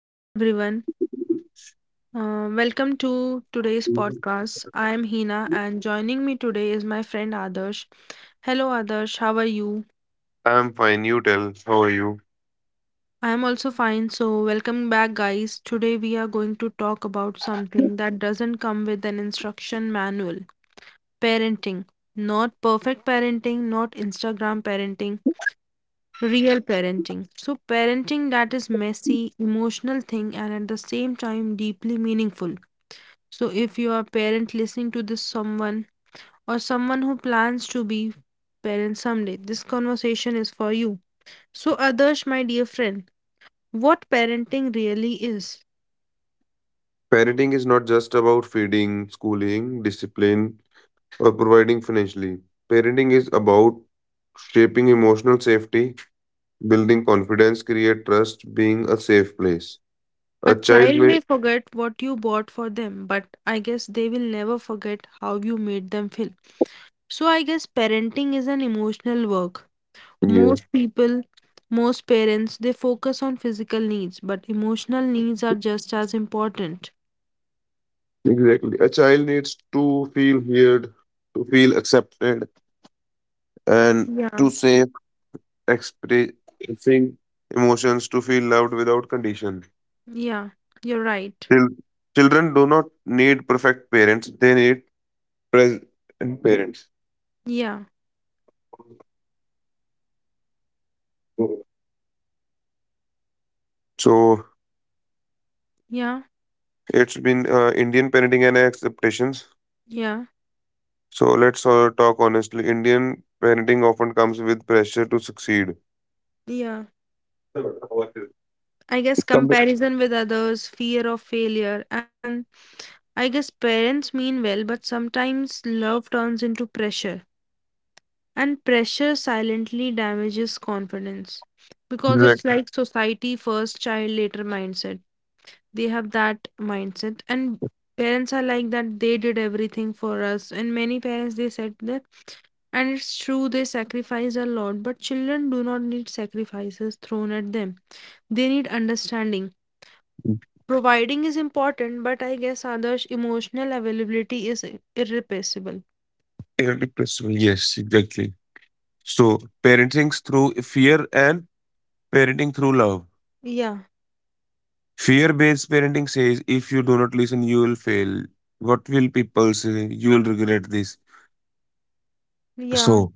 Hello, everyone. Welcome to today's podcast. I am Hina, and joining me today is my friend Adarsh. Hello, Adarsh. How are you? I'm fine, you tell. How are you? I am also fine. So, welcome back, guys. Today, we are going to talk about something that doesn't come with an instruction manual, parenting. Not perfect parenting, not Instagram parenting, real parenting. So, parenting that is messy, emotional thing, and at the same time, deeply meaningful. So if you are parent listening to this someone or someone who plans to be parent someday, this conversation is for you. So others, my dear friend, what parenting really is. Parenting is not just about feeding, schooling, discipline, or providing financially. Parenting is about shaping emotional safety, building confidence, create trust, being a safe place. A A child child may, may forget what you bought for them, but I guess they will never forget how you made them feel. So I guess parenting is an emotional work. yeah, Most people, Most parents, they focus on physical needs, but emotional needs are just as important. exactly. A child needs to feel heard, to feel accepted, and to Yeah. safe expressing emotions, to feel loved without condition. Yeah, you're right. Chil- Children do not need perfect parents, they need present parents. Yeah, So yeah, it's been Indian parenting and expectations. yeah, So let's talk honestly. Indian parenting often comes with pressure to succeed. yeah. I guess Come- comparison with others, fear of failure, and I guess parents mean well, but sometimes love turns into pressure, and pressure silently damages confidence because it's Exactly. like society first, child later mindset. They have that mindset, and parents are like that they did everything for us, and many parents they said that, and it's true they sacrifice a lot, but children do not need sacrifices thrown at them. They need understanding. Providing is important, but I guess others' emotional availability is irreplaceable. Irrepressible, yes, exactly. So parenting through fear and parenting through love. Yeah, Fear-based parenting says if you do not listen, you will fail. What will people say? You will regret this. yeah, So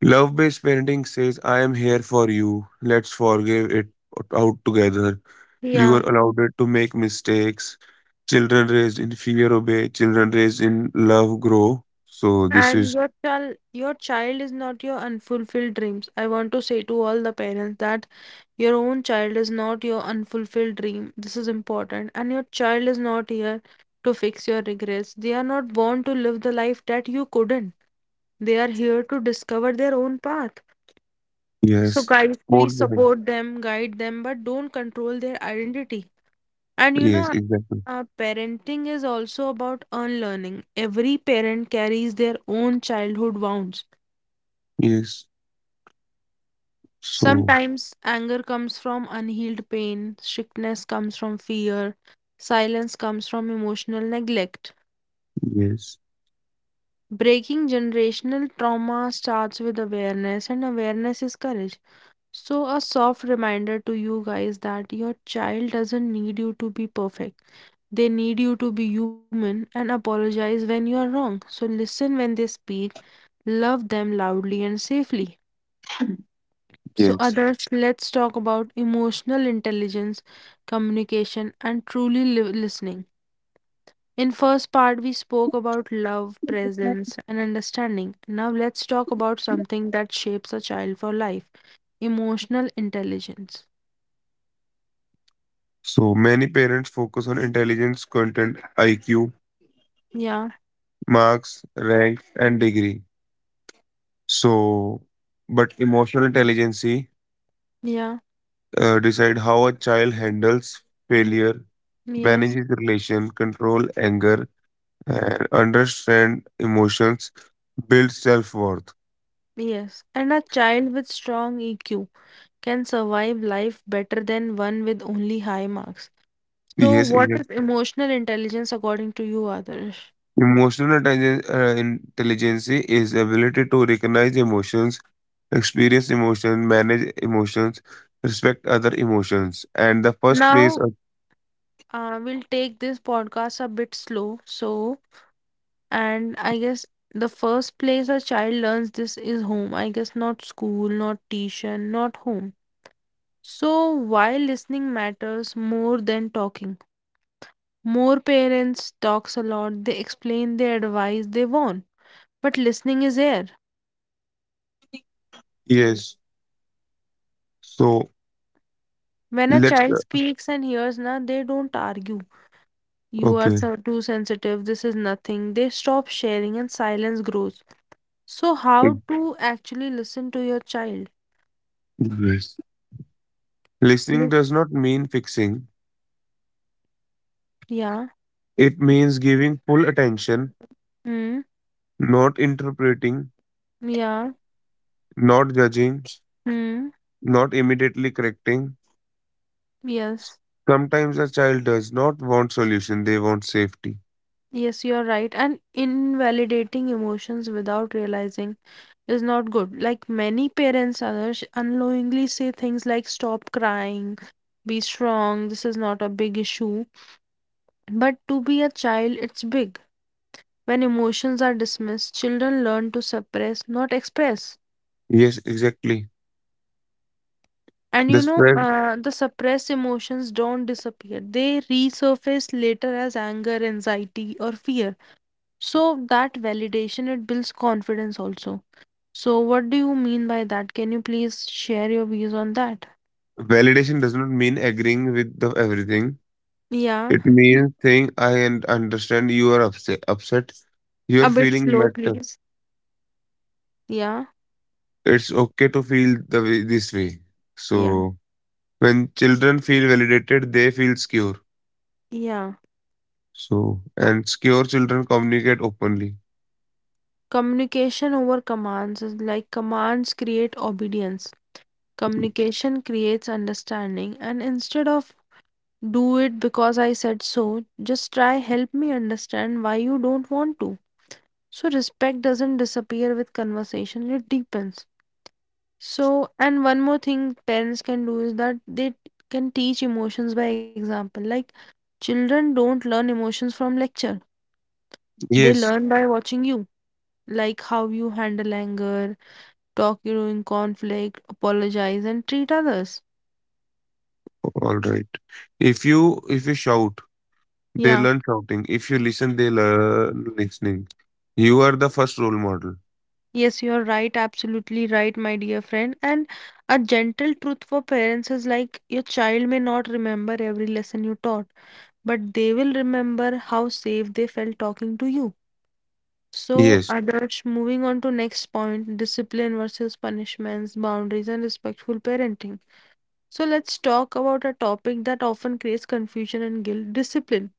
love based parenting says, I am here for you. Let's forgive it out together. You are yeah. allowed to make mistakes. Children raised in fear obey. Children raised in love grow. So, this And is, your child is not your unfulfilled dreams. I want to say to all the parents that your own child is not your unfulfilled dream. This is important. And your child is not here to fix your regrets. They are not born to live the life that you couldn't. They are here to discover their own path. yes. So, guys, More please loving. support them, guide them, but don't control their identity. And you Yes, know, exactly. Parenting is also about unlearning. Every parent carries their own childhood wounds. Yes. So, Sometimes anger comes from unhealed pain, strictness comes from fear, silence comes from emotional neglect. yes. Breaking generational trauma starts with awareness, and awareness is courage. So, a soft reminder to you guys that your child doesn't need you to be perfect. They need you to be human and apologize when you are wrong. So, listen when they speak, love them loudly and safely. So, Yes. others, let's talk about emotional intelligence, communication, and truly listening. In first part we spoke about love, presence and understanding. Now let's talk about something that shapes a child for life, emotional intelligence. So, many parents focus on intelligence, content, IQ, Yeah. marks, rank, and degree. So, but emotional intelligence Yeah, decide how a child handles failure, yes, manages relation, control anger, and understand emotions, build self-worth. yes. And a child with strong EQ can survive life better than one with only high marks. So, Yes, what exactly. is emotional intelligence according to you, Adarsh? Emotional intelligence, intelligence is ability to recognize emotions, experience emotion, manage emotions, respect other emotions, and the first place. Now, Of, we'll take this podcast a bit slow. So, and I guess the first place a child learns this is home. I guess not school, not tuition, not home. So, why listening matters more than talking? More parents talks a lot, they explain, they advise, they warn. But listening is air. yes. So When a let's. child speaks and hears na, they don't argue. You are Okay. so too sensitive, this is nothing. They stop sharing and silence grows. So how Ex- to actually listen to your child? yes. Listening Lis- does not mean fixing. Yeah. It means giving full attention. Hmm. Not interpreting, Yeah. not judging, Hmm. not immediately correcting. Yes. Sometimes a child does not want solution, they want safety. Yes, you're right. And invalidating emotions without realizing is not good. Like many parents, others unknowingly say things like stop crying, be strong, this is not a big issue. But to be a child, it's big. When emotions are dismissed, children learn to suppress, not express. Yes, exactly. And The you know, spread the suppressed emotions don't disappear. They resurface later as anger, anxiety, or fear. So that validation, it builds confidence also. So what do you mean by that? Can you please share your views on that? validation does not mean agreeing with the everything. Yeah. It means saying I understand you are upset. Your A bit feeling slow, matter. please. Yeah, It's okay to feel the way this way. yeah, So when children feel validated, they feel secure. yeah. So and secure children communicate openly. Communication over commands is like commands create obedience. Communication creates understanding. And instead of do it because I said so, just try help me understand why you don't want to. So respect doesn't disappear with conversation, it deepens. So, and one more thing parents can do is that they can teach emotions by example. Like children don't learn emotions from lecture. They Yes, learn by watching you. Like how you handle anger, talk during conflict, apologize, and treat others. all right. If you shout, they Yeah, learn shouting. If you listen, they learn listening. You are the first role model. yes, you're right, absolutely right, my dear friend. And a gentle truth for parents is like your child may not remember every lesson you taught, but they will remember how safe they felt talking to you. So, Yes. Adarsh, moving on to next point, discipline versus punishments, boundaries, and respectful parenting. So let's talk about a topic that often creates confusion and guilt, discipline.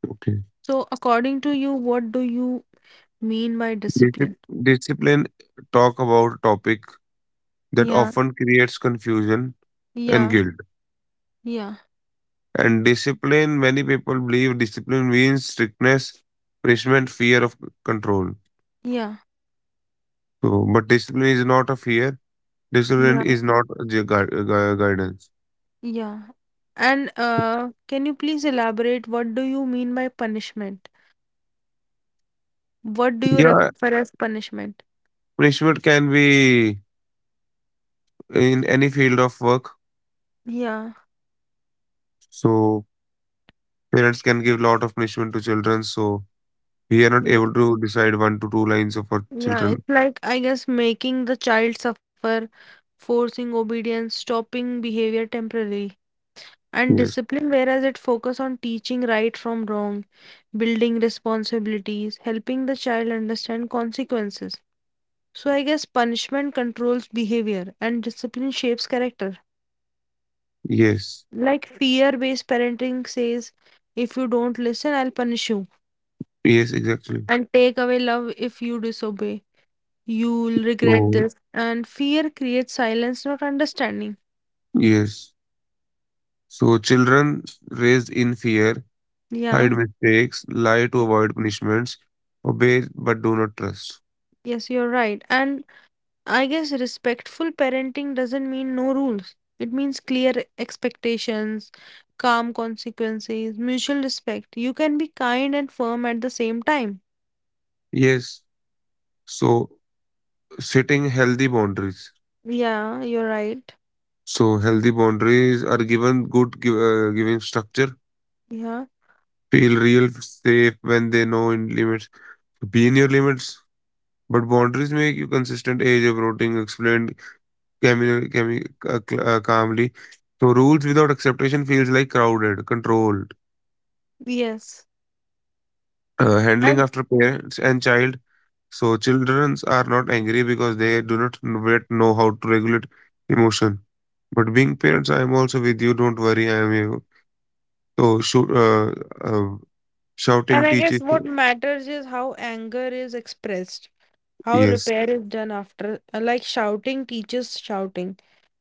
Okay. So, according to you, what do you mean by Discip- discipline? Discipline talk about topic that Yeah, often creates confusion and yeah, guilt. yeah, And discipline, many people believe discipline means strictness, punishment, fear of control. yeah, So, but discipline is not a fear. Discipline yeah, is not a guidance. yeah. And can you please elaborate what do you mean by punishment? What do you Yeah, refer as punishment? punishment can be in any field of work. Yeah, So parents can give lot of punishment to children. So we are not yeah, able to decide one to two lines of our yeah. children. It's like, I guess, making the child suffer, forcing obedience, stopping behavior temporarily. And Yes, discipline, whereas it focus on teaching right from wrong, building responsibilities, helping the child understand consequences. So I guess punishment controls behavior and discipline shapes character. yes, Like fear based parenting says, if you don't listen, I'll punish you yes, exactly. and take away love if you disobey. You'll regret So this. And fear creates silence, not understanding. yes, so children raised in fear hide Yeah, mistakes, lie to avoid punishments, obey but do not trust. yes, you're right. And I guess respectful parenting doesn't mean no rules, it means clear expectations, calm consequences, mutual respect. You can be kind and firm at the same time. Yes, so setting healthy boundaries. Yeah, you're right. So healthy boundaries are given giving structure Yeah, feel real safe when they know in limits. Be in your limits, but boundaries make you consistent. Age of routing explained calmly. So rules without acceptation feels like crowded, controlled. yes. Handling And after parents and child. So children are not angry because they do not yet know how to regulate emotion. But being parents, I am also with you. Don't worry, I am here. So uh, and shouting I guess teaches. what matters is how anger is expressed, how Yes, repair is done after. Like shouting teaches shouting,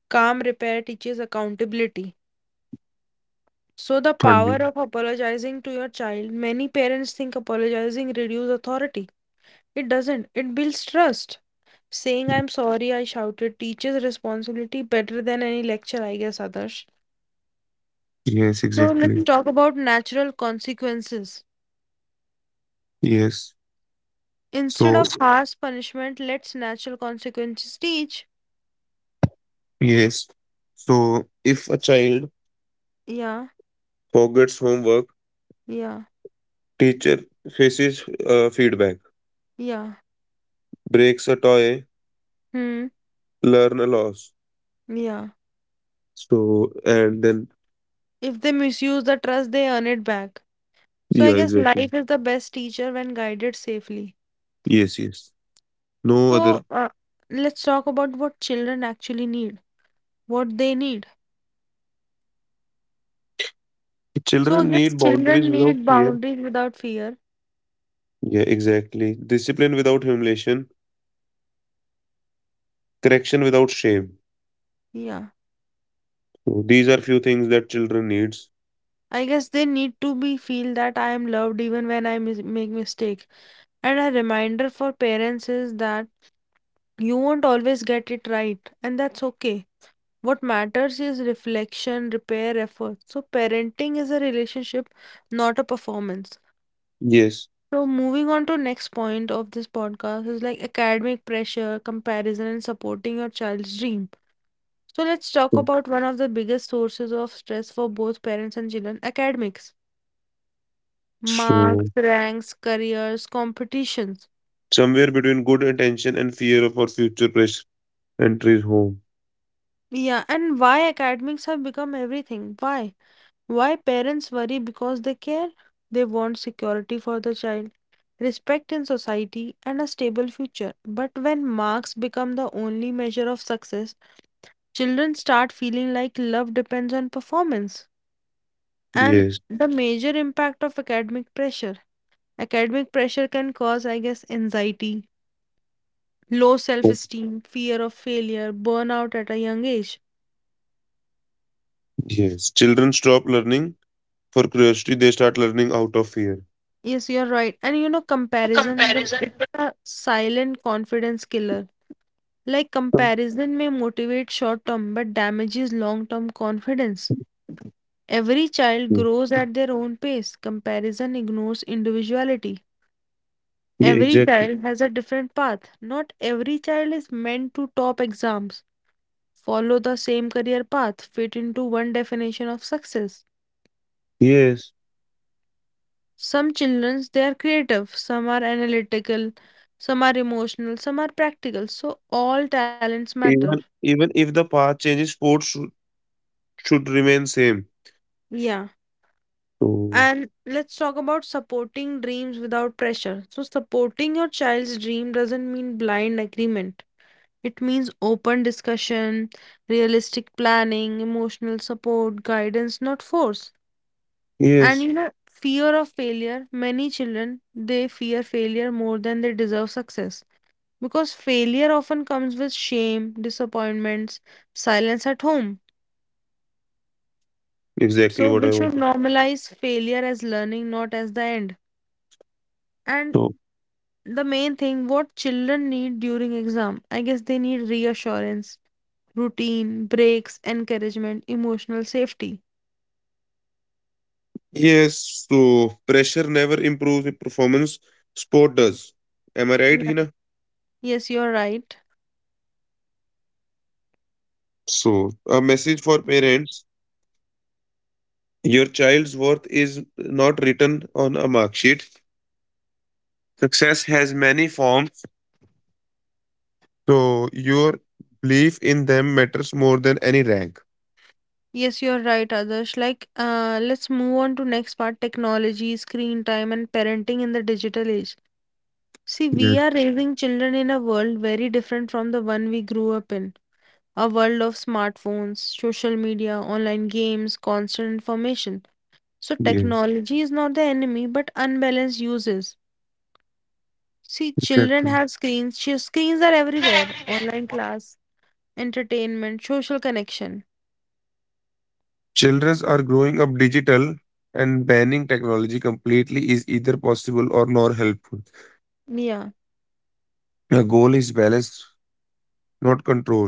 calm repair teaches accountability. So the power funding. of apologizing to your child, many parents think apologizing reduces authority. It doesn't. It builds trust. Saying I'm sorry I shouted teaches responsibility better than any lecture, I guess, others. Yes, So exactly. let's talk about natural consequences. Yes. Instead So of harsh punishment, let's natural consequences teach. yes. So, if a child Yeah, forgets homework, yeah, teacher faces feedback, yeah. breaks a toy, Hmm, learn a loss. yeah. So, and then, If they misuse the trust, they earn it back. So I yeah, guess exactly. life is the best teacher when guided safely. Yes, yes. No other. So let's talk about what children actually need, what they need. So Children I need guess boundaries children without need fear. boundaries without fear. Yeah, exactly. Discipline without humiliation, correction without shame. Yeah. So, these are few things that children needs. I guess they need to be feel that I am loved even when I make mistake. And a reminder for parents is that you won't always get it right, and that's okay. What matters is reflection, repair, effort. So parenting is a relationship, not a performance. Yes. So moving on to next point of this podcast is like academic pressure, comparison, and supporting your child's dream. So let's talk about one of the biggest sources of stress for both parents and children, academics. So, Marks, ranks, careers, competitions. somewhere between good attention and fear of our future pressure enters home. Yeah, and why academics have become everything? Why? Why parents worry because they care? They want security for the child, respect in society, and a stable future. But when marks become the only measure of success, children start feeling like love depends on performance. And Yes. the major impact of academic pressure. Academic pressure can cause, I guess, anxiety, low self esteem, fear of failure, burnout at a young age. Yes, children stop learning for curiosity, they start learning out of fear. Yes, you're right. And you know, Compare. comparison, it's a silent confidence killer. Like comparison may motivate short term but damages long term confidence. Every child grows at their own pace. Comparison ignores individuality. Yeah, Every exactly. child has a different path. Not every child is meant to top exams, follow the same career path, fit into one definition of success. Yes. Some children they are creative, some are analytical, some are emotional, some are practical. So all talents matter. Even if the path changes, sports should remain same. Yeah. So And let's talk about supporting dreams without pressure. So, supporting your child's dream doesn't mean blind agreement. It means open discussion, realistic planning, emotional support, guidance, not force. And yes, you know, fear of failure. Many children, they fear failure more than they deserve success. Because failure often comes with shame, disappointments, silence at home. exactly So, what we I want. should normalize failure as learning, not as the end. And So the main thing what children need during exam, I guess they need reassurance, routine, breaks, encouragement, emotional safety. yes, so pressure never improves with performance. Sport does. Am I right, Yeah. Hina? Yes, you're right. So a message for parents: Your child's worth is not written on a mark sheet. Success has many forms. So your belief in them matters more than any rank. Yes, you're right, Adarsh. Like, let's move on to next part, technology, screen time, and parenting in the digital age. See, we Yes, are raising children in a world very different from the one we grew up in. A world of smartphones, social media, online games, constant information. So yes, technology is not the enemy, but unbalanced uses. See, children exactly. have screens. Screens are everywhere. Online class, entertainment, social connection. Children are growing up digital and banning technology completely is either possible or not helpful. Yeah. The goal is balance, not control.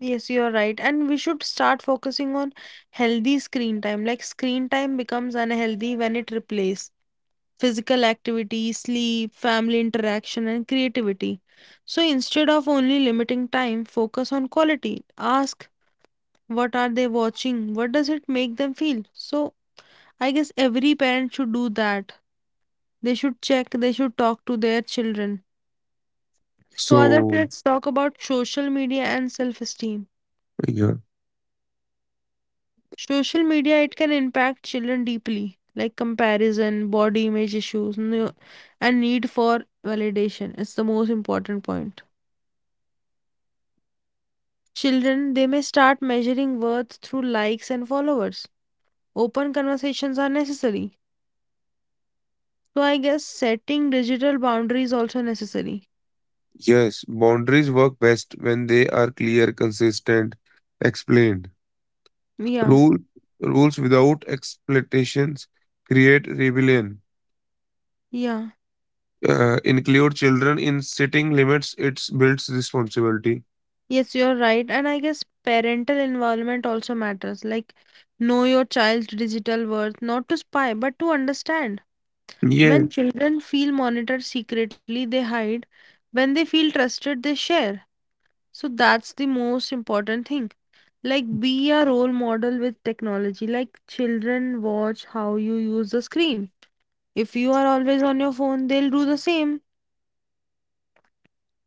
Yes, you are right. And we should start focusing on healthy screen time. Like screen time becomes unhealthy when it replaces physical activity, sleep, family interaction, and creativity. So instead of only limiting time, focus on quality. Ask what are they watching? What does it make them feel? So I guess every parent should do that. They should check, they should talk to their children. So, Adarsh, So, let's talk about social media and self esteem. yeah, Social media, it can impact children deeply, like comparison, body image issues, and need for validation. It's the most important point. Children, they may start measuring worth through likes and followers. Open conversations are necessary. So, I guess setting digital boundaries also necessary. yes, boundaries work best when they are clear, consistent, explained. Yeah, Rule, rules without explanations create rebellion. yeah. Uh, include children in setting limits, it builds responsibility. Yes, you're right. And I guess parental involvement also matters. Like, know your child's digital worth, not to spy, but to understand. Yeah, When children feel monitored secretly, they hide. When they feel trusted, they share. So that's the most important thing. Like, be a role model with technology. Like, children watch how you use the screen. If you are always on your phone, they'll do the same.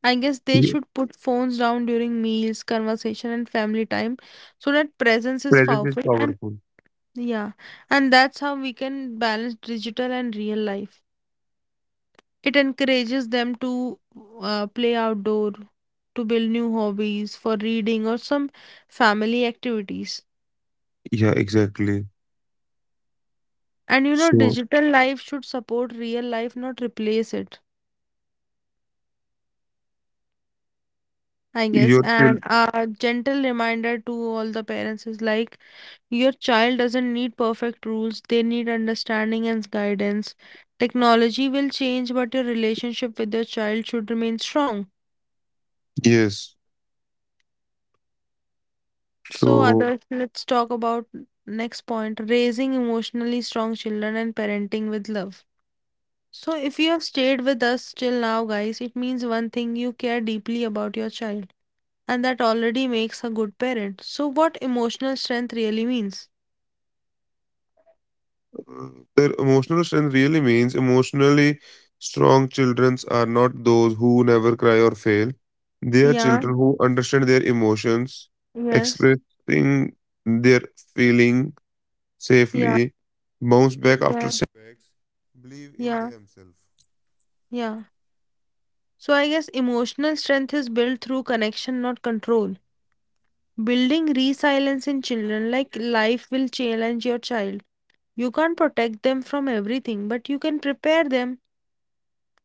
I guess they yeah, should put phones down during meals, conversation, and family time so that presence is presence is powerful. And powerful. yeah, and that's how we can balance digital and real life. It encourages them to play outdoor, to build new hobbies for reading or some family activities. Yeah, exactly. And you know, So digital life should support real life, not replace it, I guess. your child, And a gentle reminder to all the parents is like, your child doesn't need perfect rules, they need understanding and guidance. Technology will change, but your relationship with your child should remain strong. yes. So, So others, let's talk about next point raising emotionally strong children and parenting with love. So, if you have stayed with us till now, guys, it means one thing you care deeply about your child, and that already makes a good parent. So, what emotional strength really means? uh, their emotional strength really means emotionally strong children are not those who never cry or fail. They are Yeah, children who understand their emotions, yes, expressing their feeling yeah, safely, bounce back after yeah, yeah, yeah. So I guess emotional strength is built through connection, not control. Building resilience in children, like life will challenge your child. You can't protect them from everything, but you can prepare them.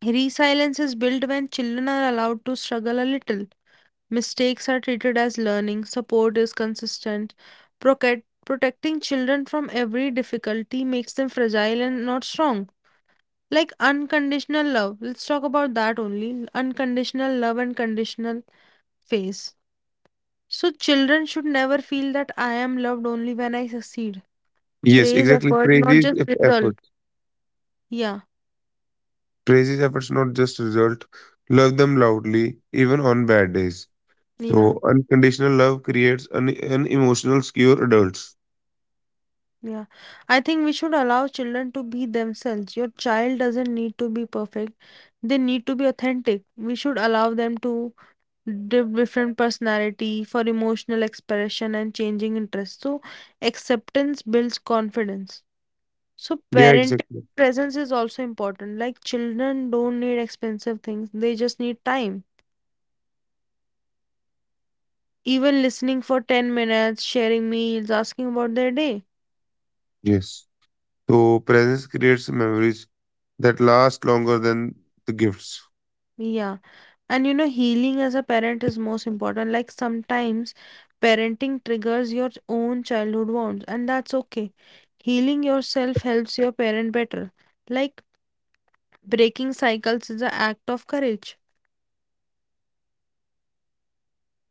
Resilience is built when children are allowed to struggle a little. Mistakes are treated as learning, support is consistent. Protecting children from every difficulty makes them fragile and not strong. Like unconditional love. Let's talk about that only. Unconditional love and conditional phase. So children should never feel that I am loved only when I succeed. yes, Praise exactly. effort, not Praises just if effort. result. Yeah, Praises efforts, not just result. Love them loudly, even on bad days. yeah, So unconditional love creates an emotional secure adults. yeah. I think we should allow children to be themselves. Your child doesn't need to be perfect. They need to be authentic. We should allow them to give different personality for emotional expression and changing interests. So acceptance builds confidence. So Yeah, parenting exactly. presence is also important. Like children don't need expensive things. They just need time even listening for 10 minutes, sharing meals, asking about their day. Yes. So presence creates memories that last longer than the gifts. Yeah. And you know, healing as a parent is most important. Like sometimes parenting triggers your own childhood wounds, and that's okay. Healing yourself helps your parent better. Like breaking cycles is an act of courage.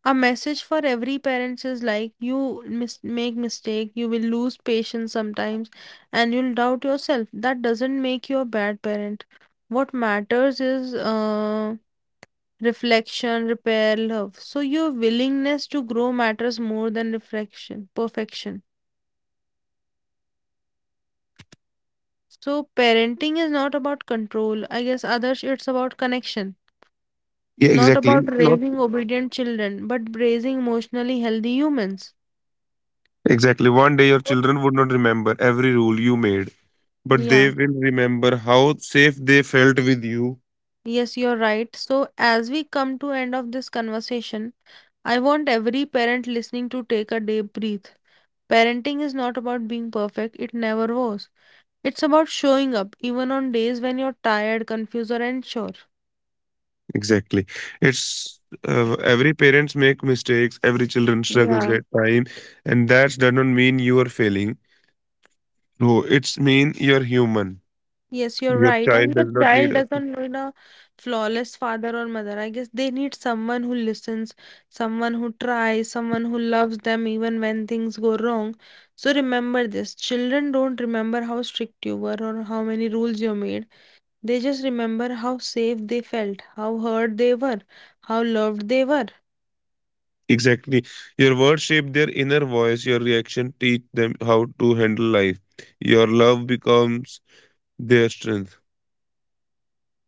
A message for every parents is like you make mistake, you will lose patience sometimes, and you'll doubt yourself. That doesn't make you a bad parent. What matters is reflection, repair, love. So your willingness to grow matters more than reflection, perfection. So parenting is not about control. I guess others it's about connection. Yeah, Not exactly. about Not raising obedient children, but raising emotionally healthy humans. exactly. One day your children would not remember every rule you made, but they Yeah. will remember how safe they felt with you. Yes, you're right. So, as we come to end of this conversation, I want every parent listening to take a deep breath. Parenting is not about being perfect, it never was. It's about showing up even on days when you're tired, confused, or unsure. Exactly. It's every parents make mistakes, every children Yeah. struggles at time, and that does not mean you are failing. No, it's mean you're human. Yes, you're Your right. And child your does not need child a doesn't need a flawless father or mother. I guess they need someone who listens, someone who tries, someone who loves them even when things go wrong. So remember this children don't remember how strict you were or how many rules you made. They just remember how safe they felt, how heard they were, how loved they were. exactly. Your words shape their inner voice. Your reaction teach them how to handle life. Your love becomes their strength.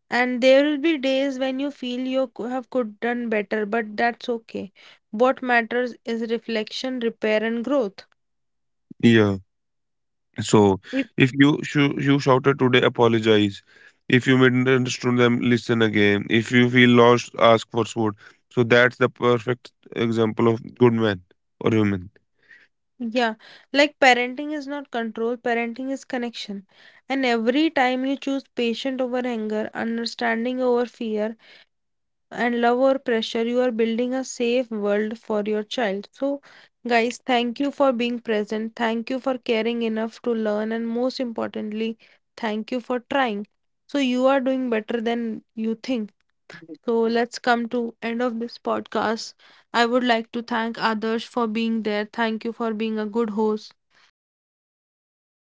And there will be days when you feel you could done better, but that's okay. What matters is reflection, repair, and growth. Yeah. So if you shouted today, apologize. If you misunderstood them, listen again. If you feel lost, ask for support. So that's the perfect example of good man or woman. Yeah, like parenting is not control, parenting is connection. And every time you choose patience over anger, understanding over fear, and love over pressure, you are building a safe world for your child. So, guys, thank you for being present. Thank you for caring enough to learn. And most importantly, thank you for trying. So, you are doing better than you think. So let's come to end of this podcast. I would like to thank Adarsh for being there. Thank you for being a good host. Thank